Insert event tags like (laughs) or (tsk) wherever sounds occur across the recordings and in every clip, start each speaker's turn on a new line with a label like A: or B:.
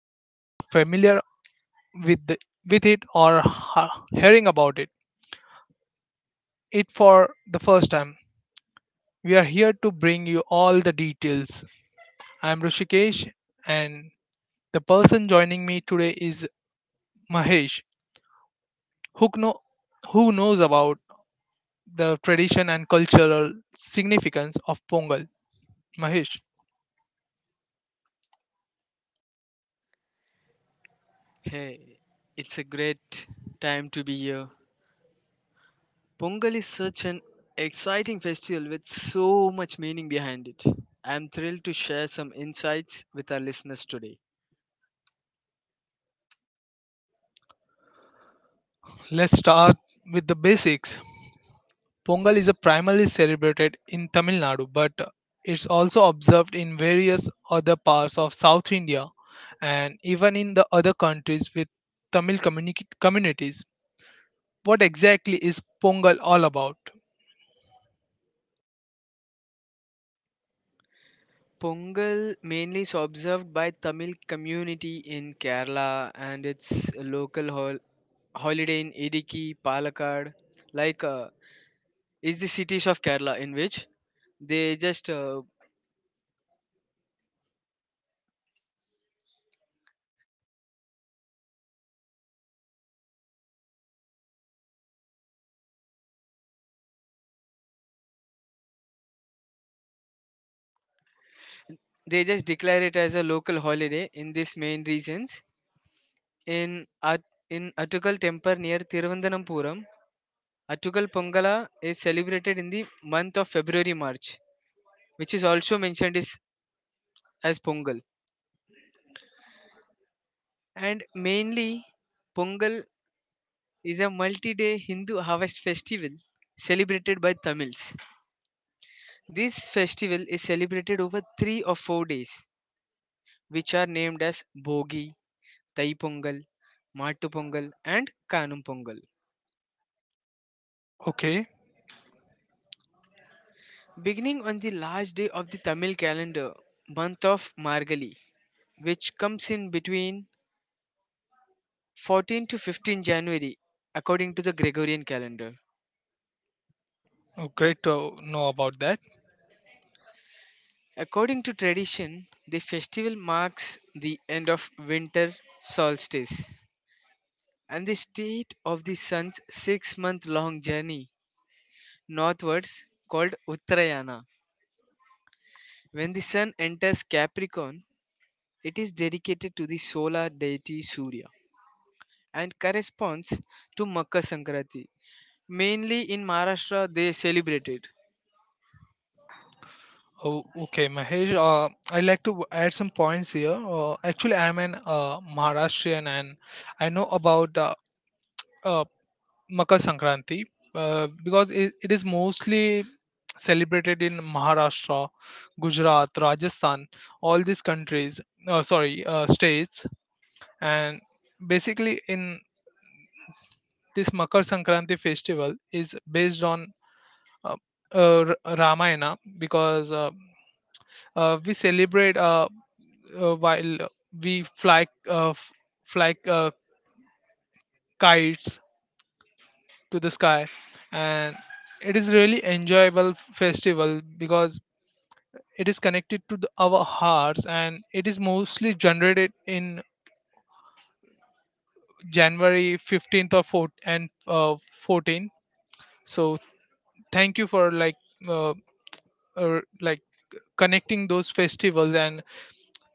A: Whether you are familiar with the- with it or hearing about it, it for the first time, we are here to bring you all the details. I am Rushikesh, and the person joining me today is Mahesh, who know who knows about the tradition and cultural significance of Pongal. Mahesh,
B: Hey, it's a great time to be here. Pongal is such an exciting festival with so much meaning behind it. I'm thrilled to share some insights with our listeners today.
A: let's start with the basics. Pongal is primarily celebrated in Tamil Nadu, but it's also observed in various other parts of South India and even in the other countries with communities. What exactly is Pongal all about?
B: Pongal mainly is observed by Tamil community in Kerala and it's a local holiday in Idiki, Palakkad, like uh, is the cities of Kerala in which they just uh, they just declare it as a local holiday in these main reasons. In in Attugal temple near Thiruvananthapuram, Attugal Pongala is celebrated in the month of February March, which is also as Pongal. And mainly, Pongal is a multi-day Hindu harvest festival celebrated by Tamils. This festival is celebrated over 3 or 4 days, which are named as Bogi, Thai Pongal, Mattu Pongal, and Kanum Pongal.
A: Okay,
B: Beginning on the last day of the Tamil calendar, month of Margali, which comes in between 14 to 15 January according to the Gregorian calendar.
A: oh, great to know about that.
B: According to tradition, the festival marks the end of winter solstice and the state of the sun's 6-month long journey northwards called Uttarayana. When the sun enters Capricorn, it is dedicated to the solar deity Surya and corresponds to Makar Sankranti. Mainly in Maharashtra, they celebrate it.
A: Oh, okay, Mahesh, I'd like to add some points here. Actually, I'm an Maharashtrian, and I know about uh, Makar Sankranti because it is mostly celebrated in Maharashtra, Gujarat, Rajasthan, all these countries, sorry, states. And basically, in this Makar Sankranti festival is based on uh, Ramayana because we celebrate while we fly fly kites to the sky, and it is really enjoyable festival because it is connected to the, our hearts, and it is mostly generated in january 15th or 4 and 14. So thank you for uh, like connecting those festivals and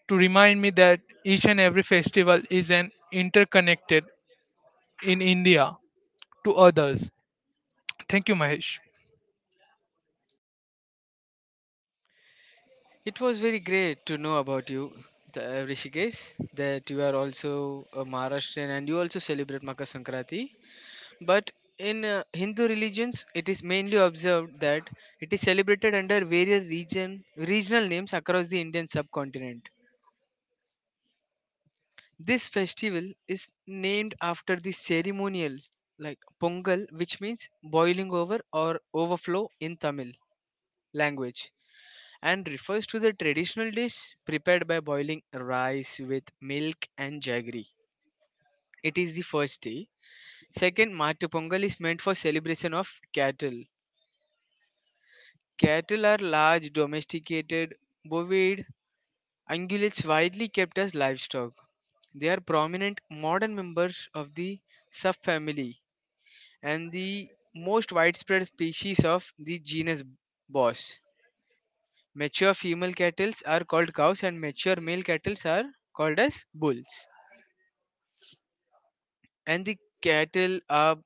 A: to remind me that each and every festival is an interconnected in india to others. Thank you, Mahesh.
B: It was very great to know about you, Rishikesh, that you are also a Maharashtrian and you also celebrate Makar Sankranti. But in Hindu religions, it is mainly observed that it is celebrated under various regional names across the Indian subcontinent. This festival is named after the ceremonial like Pongal, which means boiling over or overflow in Tamil language, and refers to the traditional dish prepared by boiling rice with milk and jaggery. It is the first day. Second, Matu Pongal is meant for celebration of cattle. Cattle are large, domesticated, bovine ungulates widely kept as livestock. They are prominent modern members of the subfamily and the most widespread species of the genus Bos. Mature female cattle are called cows and mature male cattle are called as bulls, and the cattle are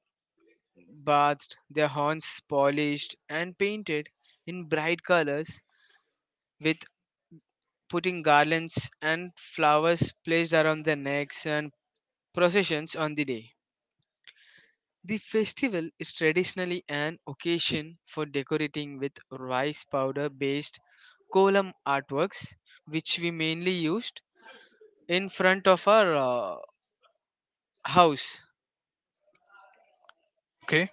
B: bathed, their horns polished and painted in bright colors, with putting garlands and flowers placed around their necks and processions on the day. The festival is traditionally an occasion for decorating with rice powder based kolam artworks, which we mainly used in front of our house,
A: Okay.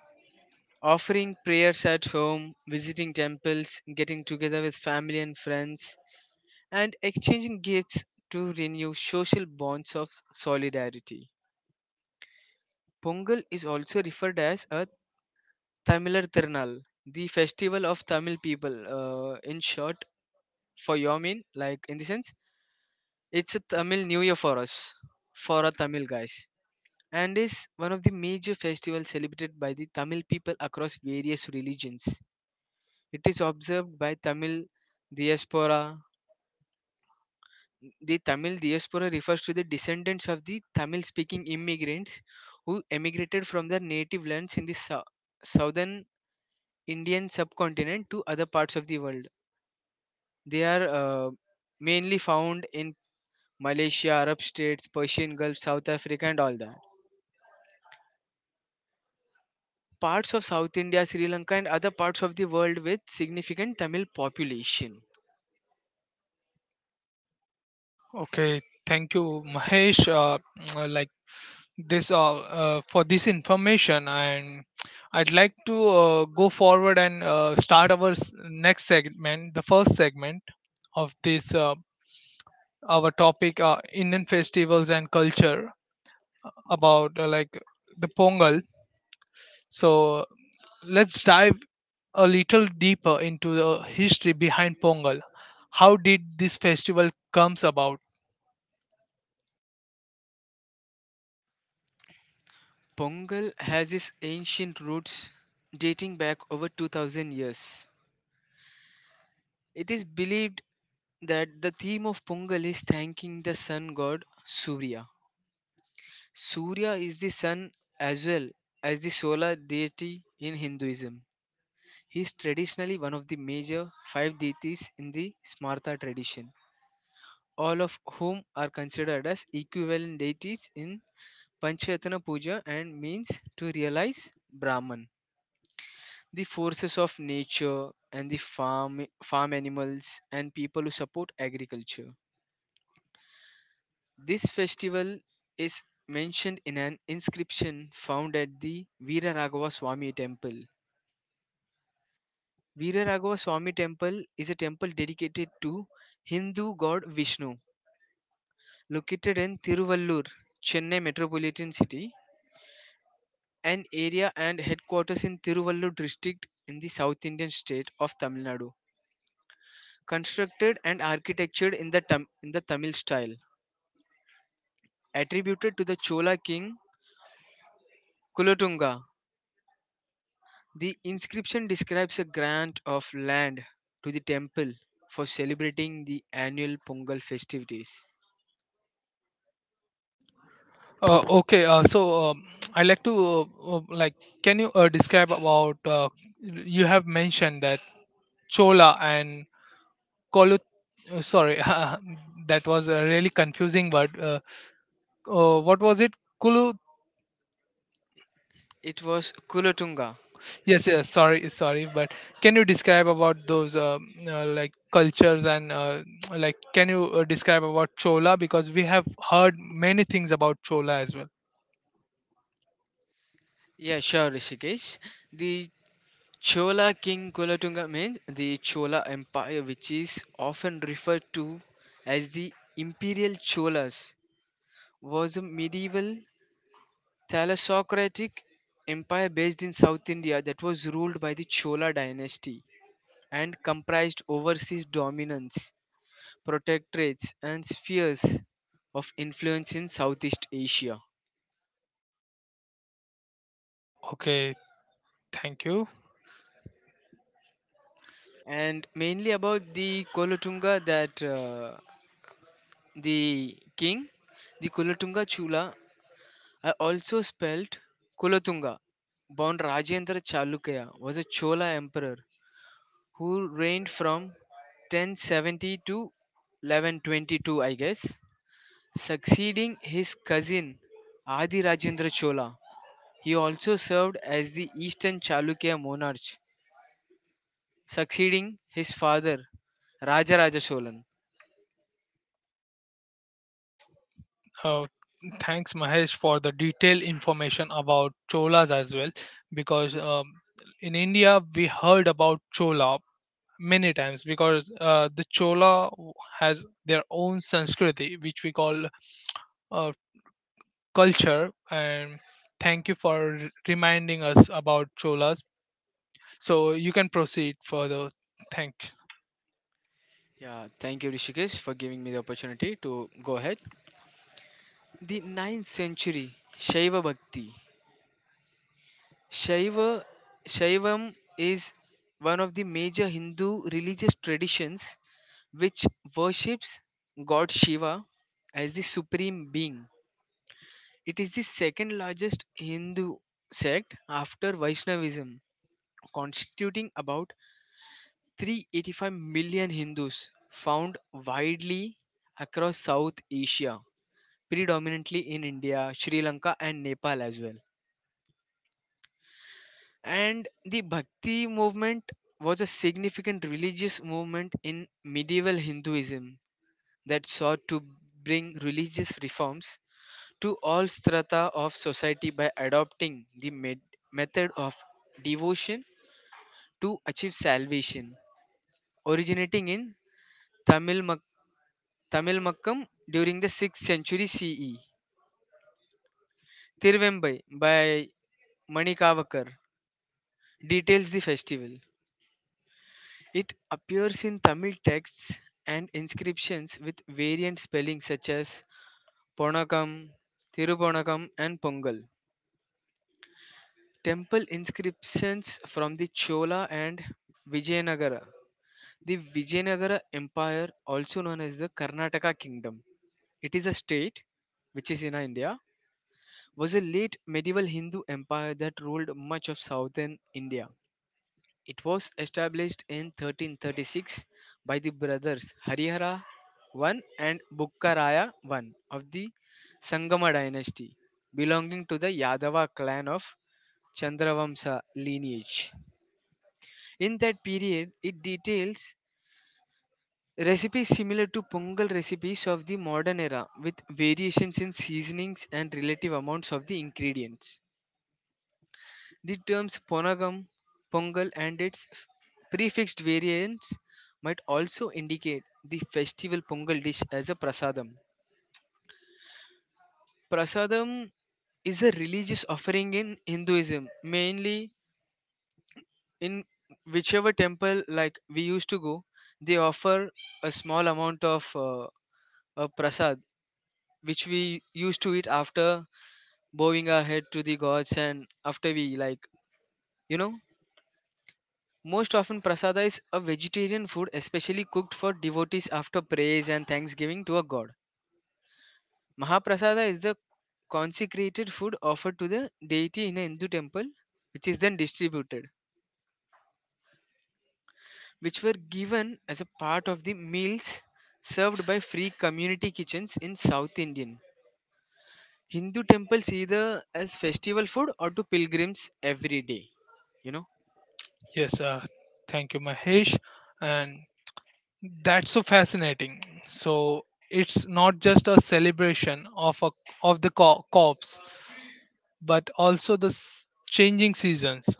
B: offering prayers at home, visiting temples, getting together with family and friends, and exchanging gifts to renew social bonds of solidarity. Pongal is also referred as a Tamilar Tirunal, the festival of Tamil people. In short, for your mean, like in the sense, it's a Tamil New Year for us, for our Tamil guys, and is one of the major festivals celebrated by the Tamil people across various religions. It is observed by Tamil diaspora. The Tamil diaspora refers to the descendants of the Tamil speaking immigrants who emigrated from their native lands in the southern Indian subcontinent to other parts of the world. They are mainly found in Malaysia, Arab states, Persian Gulf, South Africa, and all that. Parts of South India, Sri Lanka, and other parts of the world with significant Tamil population.
A: Okay, thank you, Mahesh, (tsk) like this all for this information, and I'd like to go forward and start our next segment, the first segment of this our topic, indian festivals and culture, about like the pongal. So let's dive a little deeper into the history behind Pongal. How did this festival comes about?
B: Pongal has its ancient roots dating back over 2000 years. It is believed that the theme of Pongal is thanking the sun god Surya. Surya is the sun as well as the solar deity in Hinduism. He is traditionally one of the major five deities in the Smartha tradition, all of whom are considered as equivalent deities in Panchayatana Puja and means to realize Brahman. The forces of nature and the farm animals and people who support agriculture. This festival is mentioned in an inscription found at the Veera Raghava Swami temple. Veera Raghava Swami temple is a temple dedicated to Hindu god Vishnu, located in Tiruvallur, Chennai metropolitan city, an area and headquarters in Tiruvallur district in the South Indian state of Tamil Nadu. Constructed and architectured in the Tamil style, attributed to the Chola king Kulotunga. The inscription describes a grant of land to the temple for celebrating the annual Pongal festivities.
A: Okay, so I like to Can you describe about? You have mentioned that Chola and Kolut. Sorry, (laughs) that was a really confusing word. What was it? Kulu.
B: It was Kulotunga.
A: Yes, yes. Sorry, sorry. But can you describe about those like cultures and (tsk) like can you describe about Chola, because we have heard many things about Chola as well.
B: Yeah, sure, Rishikesh. The Chola king Kulotunga means the Chola Empire, which is often referred to as the Imperial Cholas, was a medieval Thalassocratic empire based in South India that was ruled by the Chola dynasty and comprised overseas dominance, protectorates and spheres of influence in Southeast Asia,
A: Okay, thank you.
B: and mainly about the Kolotunga that the king, the Kolotunga Chula, are also spelled Kolotunga, born Rajendra Chalukya, was a Chola emperor who reigned from 1070 to 1122, I guess, succeeding his cousin Adi Rajendra Chola. He also served as the Eastern Chalukya monarch, succeeding his father Rajaraja Cholan.
A: Oh. Thanks, Mahesh, for the detailed information about cholas as well. Because in India, we heard about chola many times because the has their own Sanskriti, which we call uh, culture. And thank you for reminding us about cholas. So you can proceed further. Thanks.
B: Yeah, thank you Rishikesh for giving me the opportunity to go ahead. The ninth century Shaiva Bhakti. Shaiva Shaivam is one of the major Hindu religious traditions which worships God Shiva as the supreme being. It is the second largest Hindu sect after Vaishnavism, constituting about 385 million Hindus found widely across South Asia, predominantly in India, Sri Lanka, and Nepal as well. And the Bhakti movement was a significant religious movement in medieval Hinduism that sought to bring religious reforms to all strata of society by adopting the method of devotion to achieve salvation, originating in Tamil Tamilmakkam during the 6th century CE. Tiruvembai by Manikavakar details the festival. It appears in Tamil texts and inscriptions with variant spellings such as Ponakam, Thiruponakam, and Pongal. Temple inscriptions from the Chola and Vijayanagara. The Vijayanagara Empire, also known as the Karnataka Kingdom, it is a state which is in India, was a late medieval Hindu empire that ruled much of southern India. It was established in 1336 by the brothers Harihara I and Bukkaraya I of the Sangama dynasty, belonging to the Yadava clan of Chandravamsa lineage. In that period, it details recipes similar to Pongal recipes of the modern era with variations in seasonings and relative amounts of the ingredients. The terms Ponagam, Pongal, and its prefixed variants might also indicate the festival Pongal dish as a prasadam. Prasadam is a religious offering in Hinduism, mainly in whichever temple like we used to go, they offer a small amount of a prasad which we used to eat after bowing our head to the gods, and after we like you know. Most often, prasada is a vegetarian food especially cooked for devotees after praise and thanksgiving to a god. Mahaprasada is the consecrated food offered to the deity in a Hindu temple, which is then distributed, which were given as a part of the meals served by free community kitchens in South Indian Hindu temples either as festival food or to pilgrims every day. You know,
A: Yes, thank you, Mahesh. And that's so fascinating. So it's not just a celebration of a of the cops, but also the changing seasons.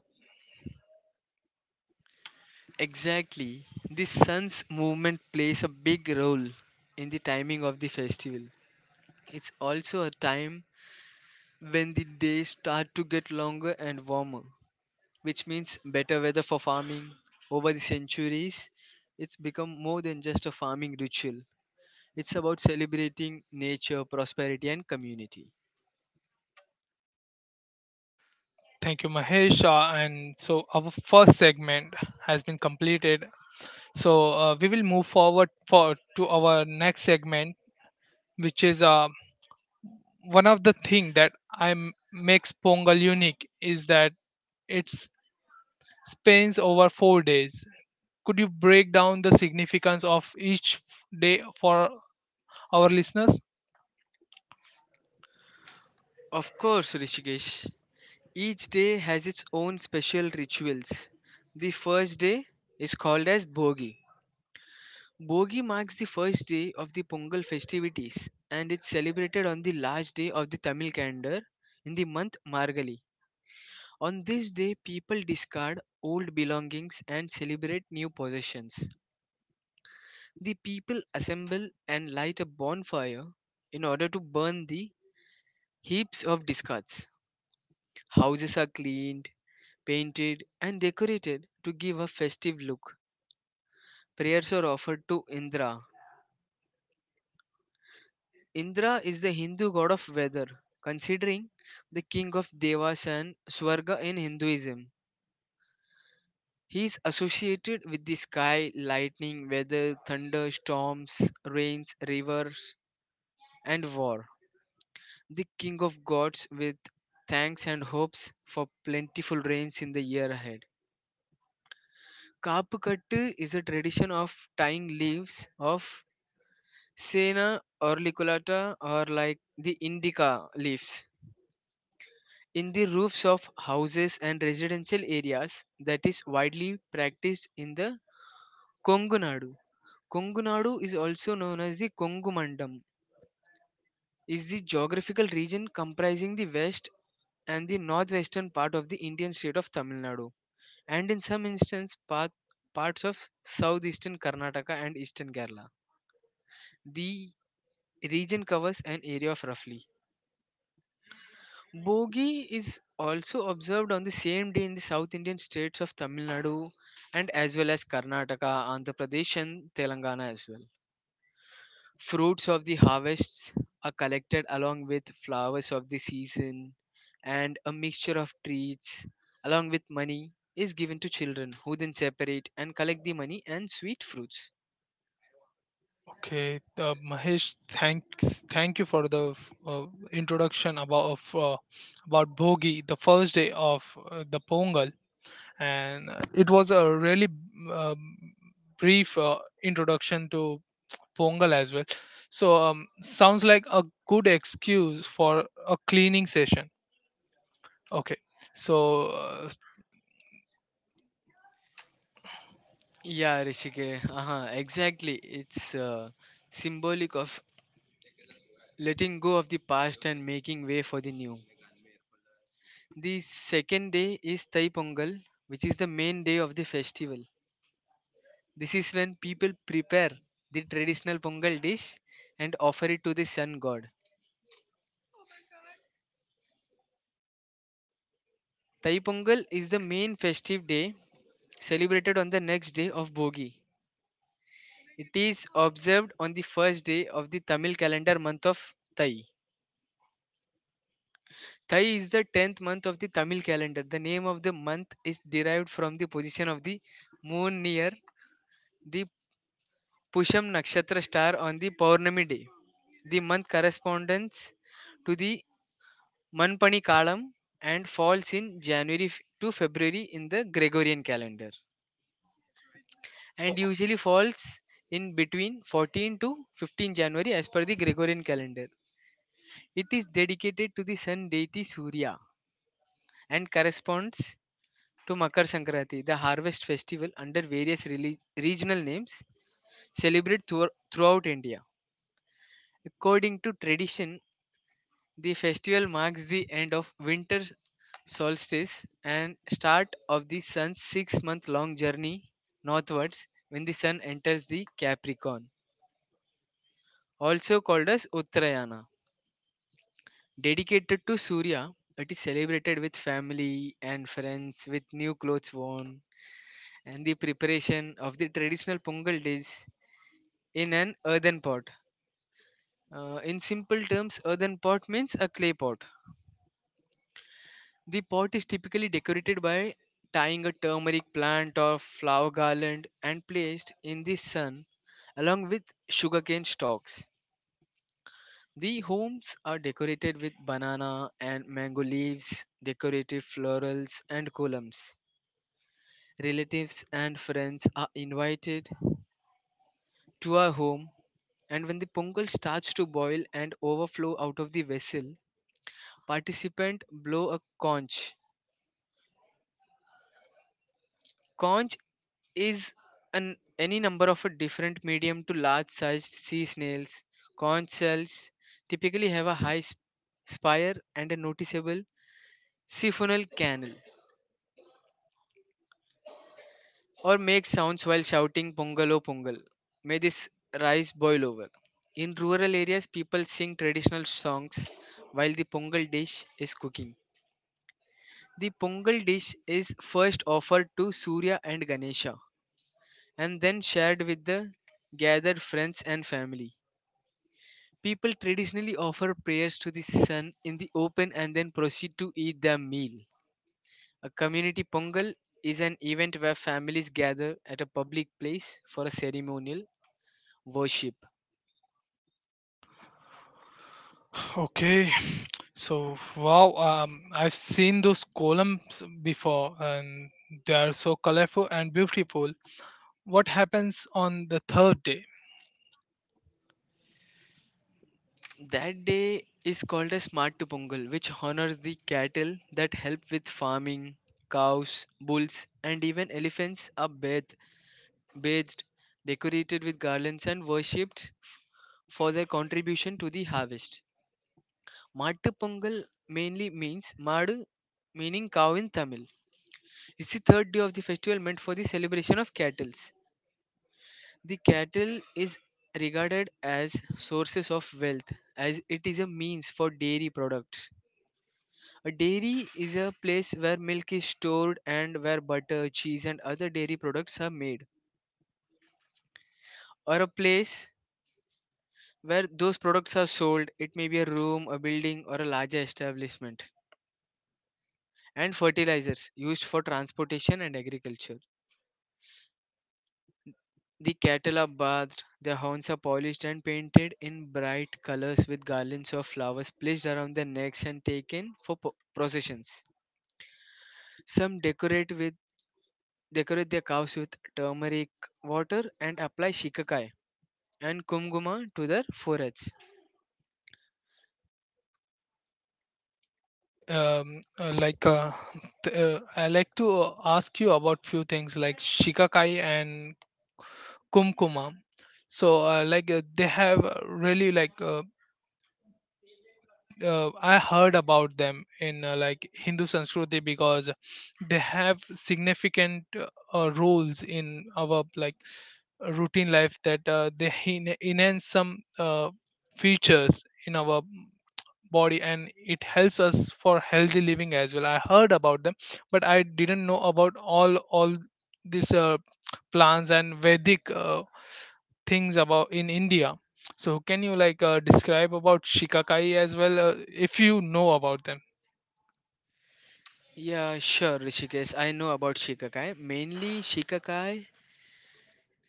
B: exactly. The sun's movement plays a big role in the timing of the festival. It's also a time when the days start to get longer and warmer, which means better weather for farming. Over the centuries, it's become more than just a farming ritual. It's about celebrating nature, prosperity, and community.
A: Thank you, Mahesh. And so our first segment has been completed. So we will move forward for to our next segment, which is one of the thing that makes Pongal unique is that it spans over 4 days. Could you break down the significance of each day for our listeners?
B: Of course, Rishikesh, each day has its own special rituals. The first day is called as Bogi. Bogi marks the first day of the Pongal festivities and it's celebrated on the last day of the Tamil calendar in the month Margali. On this day, people discard old belongings and celebrate new possessions. The people assemble and light a bonfire in order to burn the heaps of discards. Houses are cleaned, painted, and decorated to give a festive look. Prayers are offered to Indra. Indra is the Hindu god of weather, considering the king of Devas and Swarga in Hinduism. He is associated with the sky, lightning, weather, thunder, storms, rains, rivers, and war. The king of gods with thanks and hopes for plentiful rains in the year ahead. Kaapukattu is a tradition of tying leaves of Sena or Liculata or like the indica leaves in the roofs of houses and residential areas that is widely practiced in the Kongunadu. Kongunadu is also known as the Kongumandam, is the geographical region comprising the west and the northwestern part of the Indian state of Tamil Nadu, and in some instances parts of southeastern Karnataka and eastern Kerala. The region covers an area of roughly Bogi is also observed on the same day in the South Indian states of Tamil Nadu and as well as Karnataka, Andhra Pradesh, and Telangana as well. Fruits of the harvests are collected along with flowers of the season, and a mixture of treats along with money is given to children who then separate and collect the money and sweet fruits.
A: Okay, Mahesh, thank you for the introduction about of, about Bhogi, the first day of the Pongal. And it was a really um, brief introduction to pongal as well. So sounds like a good excuse for a cleaning session. Okay. So uh,
B: Yeah, Rishike, exactly. It's symbolic of letting go of the past and making way for the new. The second day is Thai Pongal, which is the main day of the festival. This is when people prepare the traditional Pongal dish and offer it to the sun god. Thai Pongal is the main festive day celebrated on the next day of Bogi. It is observed on the first day of the Tamil calendar month of Thai. Thai is the 10th month of the Tamil calendar. The name of the month is derived from the position of the moon near the Pusham Nakshatra star on the Purnami day. The month corresponds to the Manpani Kalam and falls in January to February in the Gregorian calendar,
A: oh,
B: and usually falls in between 14 to 15 January as per the Gregorian calendar. It is dedicated to the sun deity Surya and corresponds to Makar Sankranti, the harvest festival under various regional names celebrated throughout India. According to tradition, the festival marks the end of winter solstice and start of the sun's 6-month long journey northwards, when the sun enters the Capricorn, also called as Uttarayana. Dedicated to Surya, it is celebrated with family and friends, with new clothes worn and the preparation of the traditional Pongal dish in an earthen pot. In simple terms, earthen pot means a clay pot. The pot is typically decorated by tying a turmeric plant or flower garland and placed in the sun along with sugarcane stalks. The homes are decorated with banana and mango leaves, decorative florals, and columns. Relatives and friends are invited to our home, and when the pongal starts to boil and overflow out of the vessel, participants blow a conch. Conch is an any number of a different medium to large sized sea snails. Conch shells typically have a high spire and a noticeable siphonal canal, or make sounds while shouting, "Pongal o pongal. May this rice boil over." In rural areas, people sing traditional songs while the pongal dish is cooking. The pongal dish is first offered to Surya and Ganesha, and then shared with the gathered friends and family. People traditionally offer prayers to the sun in the open and then proceed to eat their meal. A community pongal is an event where families gather at a public place for a ceremonial worship.
A: okay. (sighs) So wow. I've seen those columns before, and they are so colorful and beautiful. What happens on the third day?
B: That day is called a Smartu Pongal, which honors the cattle that help with farming. Cows, bulls, and even elephants are bathed, decorated with garlands, and worshipped for their contribution to the harvest. Mattu Pongal mainly means Madu, meaning cow in Tamil. It's the third day of the festival, meant for the celebration of cattle. The cattle is regarded as sources of wealth, as it is a means for dairy products. A dairy is a place where milk is stored and where butter, cheese, and other dairy products are made, or a place where those products are sold. It may be a room, a building, or a larger establishment. And fertilizers used for transportation and agriculture. The cattle are bathed, their horns are polished and painted in bright colors with garlands of flowers placed around their necks and taken for processions. Some decorate their cows with turmeric water and apply shikakai and kumguma to their foreheads.
A: Okay, I like to ask you about few things like Shikakai and Kumkuma. So, they have really like I heard about them in like Hindu Sanskriti because they have significant roles in our like routine life, that they enhance some features in our body, and it helps us for healthy living as well. I heard about them, but I didn't know about all these plants and Vedic things about in India. So can you like describe about shikakai as well if you know about them?
B: Yeah, sure, Rishikesh. I know about shikakai. Mainly, shikakai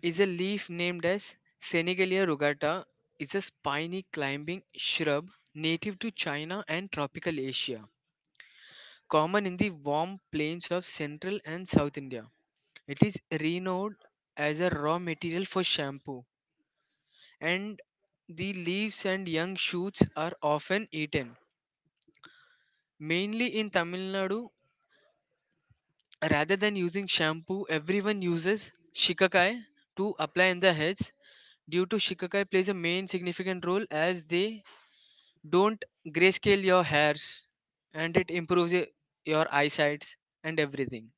B: is a leaf named as Senegalia rugata, is a spiny climbing shrub native to China and tropical Asia, common in the warm plains of central and south India. It is renowned as a raw material for shampoo, and the leaves and young shoots are often eaten. Mainly in Tamil Nadu, rather than using shampoo, everyone uses shikakai to apply in the heads, due to shikakai plays a main significant role as they don't grayscale your hairs, and it improves your eyesight and everything.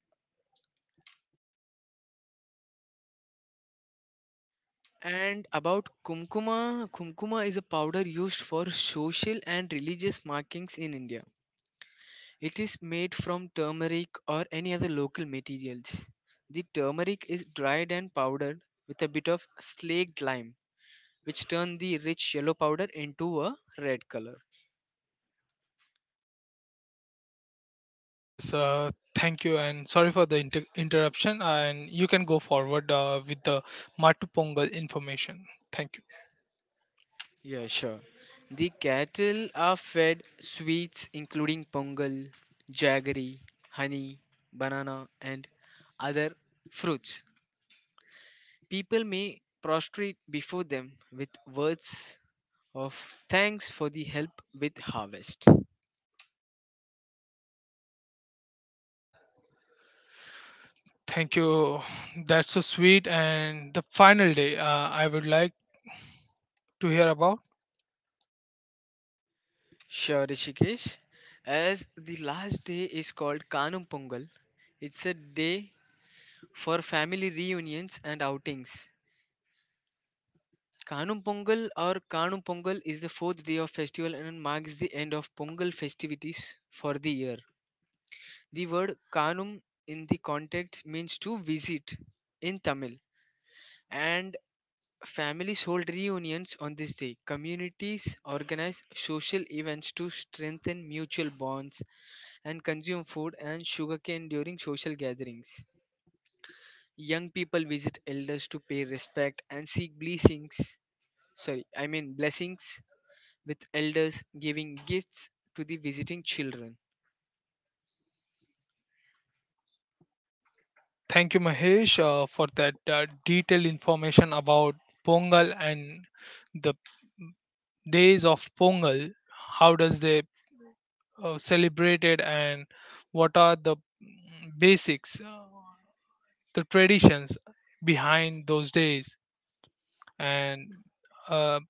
B: And about kumkuma, kumkuma is a powder used for social and religious markings in India. It is made from turmeric or any other local materials. The turmeric is dried and powdered with a bit of slaked lime, which turn the rich yellow powder into a red color.
A: Yes, thank you, and sorry for the interruption. And you can go forward with the Matu Pongal information. Thank you.
B: Yeah, sure. The cattle are fed sweets including pongal, jaggery, honey, banana, and other fruits. People may prostrate before them with words of thanks for the help with harvest.
A: Thank you. That's so sweet. And the final day I would like to hear about.
B: Sure, Rishikesh. As the last day is called Kanum Pongal, it's a day for family reunions and outings. Kanum Pongal or Kanum Pongal is the fourth day of festival and marks the end of Pongal festivities for the year. The word Kanum in the context means to visit in Tamil, and families hold reunions on this day. Communities organize social events to strengthen mutual bonds and consume food and sugarcane during social gatherings. Young people visit elders to pay respect and seek blessings. Sorry, I mean blessings with elders giving gifts to the visiting children.
A: Thank you, Mahesh, for that detailed information about Pongal and the days of Pongal. How does they celebrated, and what are the basics, the traditions behind those days, and uh,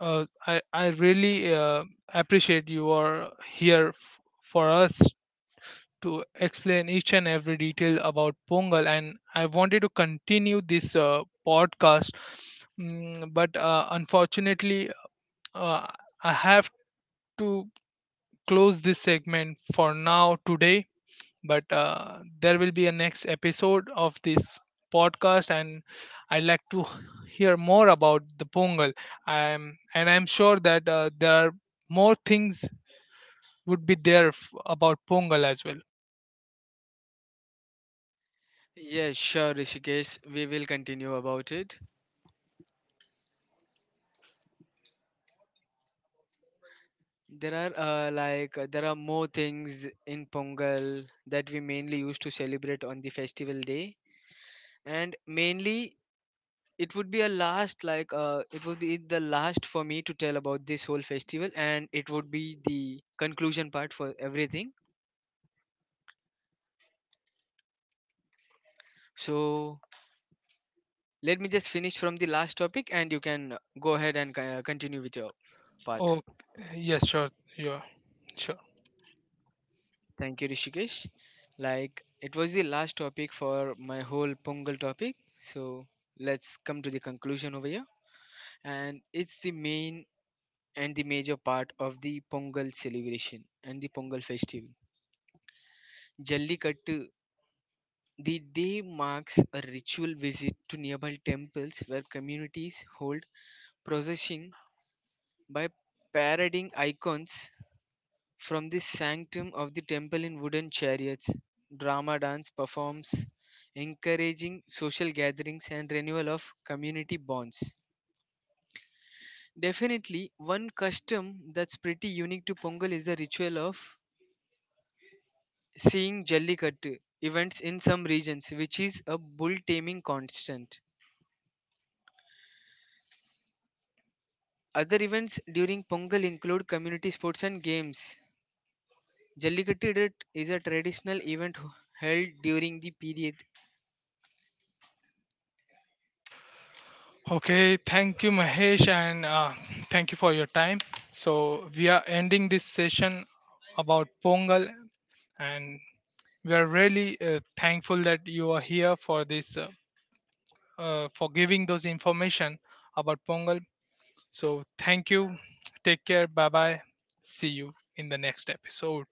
A: I really appreciate you are here for us to explain each and every detail about pongal, and I wanted to continue this podcast, but unfortunately uh, I have to close this segment for now today. But there will be a next episode of this podcast, and I'd like to hear more about the pongal. I'm sure that there are more things would be there about pongal as well.
B: Yeah, sure, Rishikesh. We will continue about it. There are more things in Pongal that we mainly used to celebrate on the festival day, and mainly it would be a last like it would be the last for me to tell about this whole festival, and it would be the conclusion part for everything. So let me just finish from the last topic, and you can go ahead and continue with your part.
A: Oh, yes, sure. Yeah, sure.
B: Thank you, Rishikesh. Like, it was the last topic for my whole Pongal topic. So, let's come to the conclusion over here. And it's the main and the major part of the Pongal celebration and the Pongal festival. Jallikattu, the day marks a ritual visit to nearby temples where communities hold procession by parading icons from the sanctum of the temple in wooden chariots, drama dance performs, encouraging social gatherings and renewal of community bonds. Definitely, one custom that's pretty unique to Pongal is the ritual of seeing Jallikattu events in some regions, which is a bull taming constant. Other events during Pongal include community sports and games. Jallikattu Dutt is a traditional event held during the period
A: Okay, thank you, Mahesh, and thank you for your time. So we are ending this session about pongal, and we are really thankful that you are here for this for giving those information about pongal. So thank you, take care, bye bye. See you in the next episode.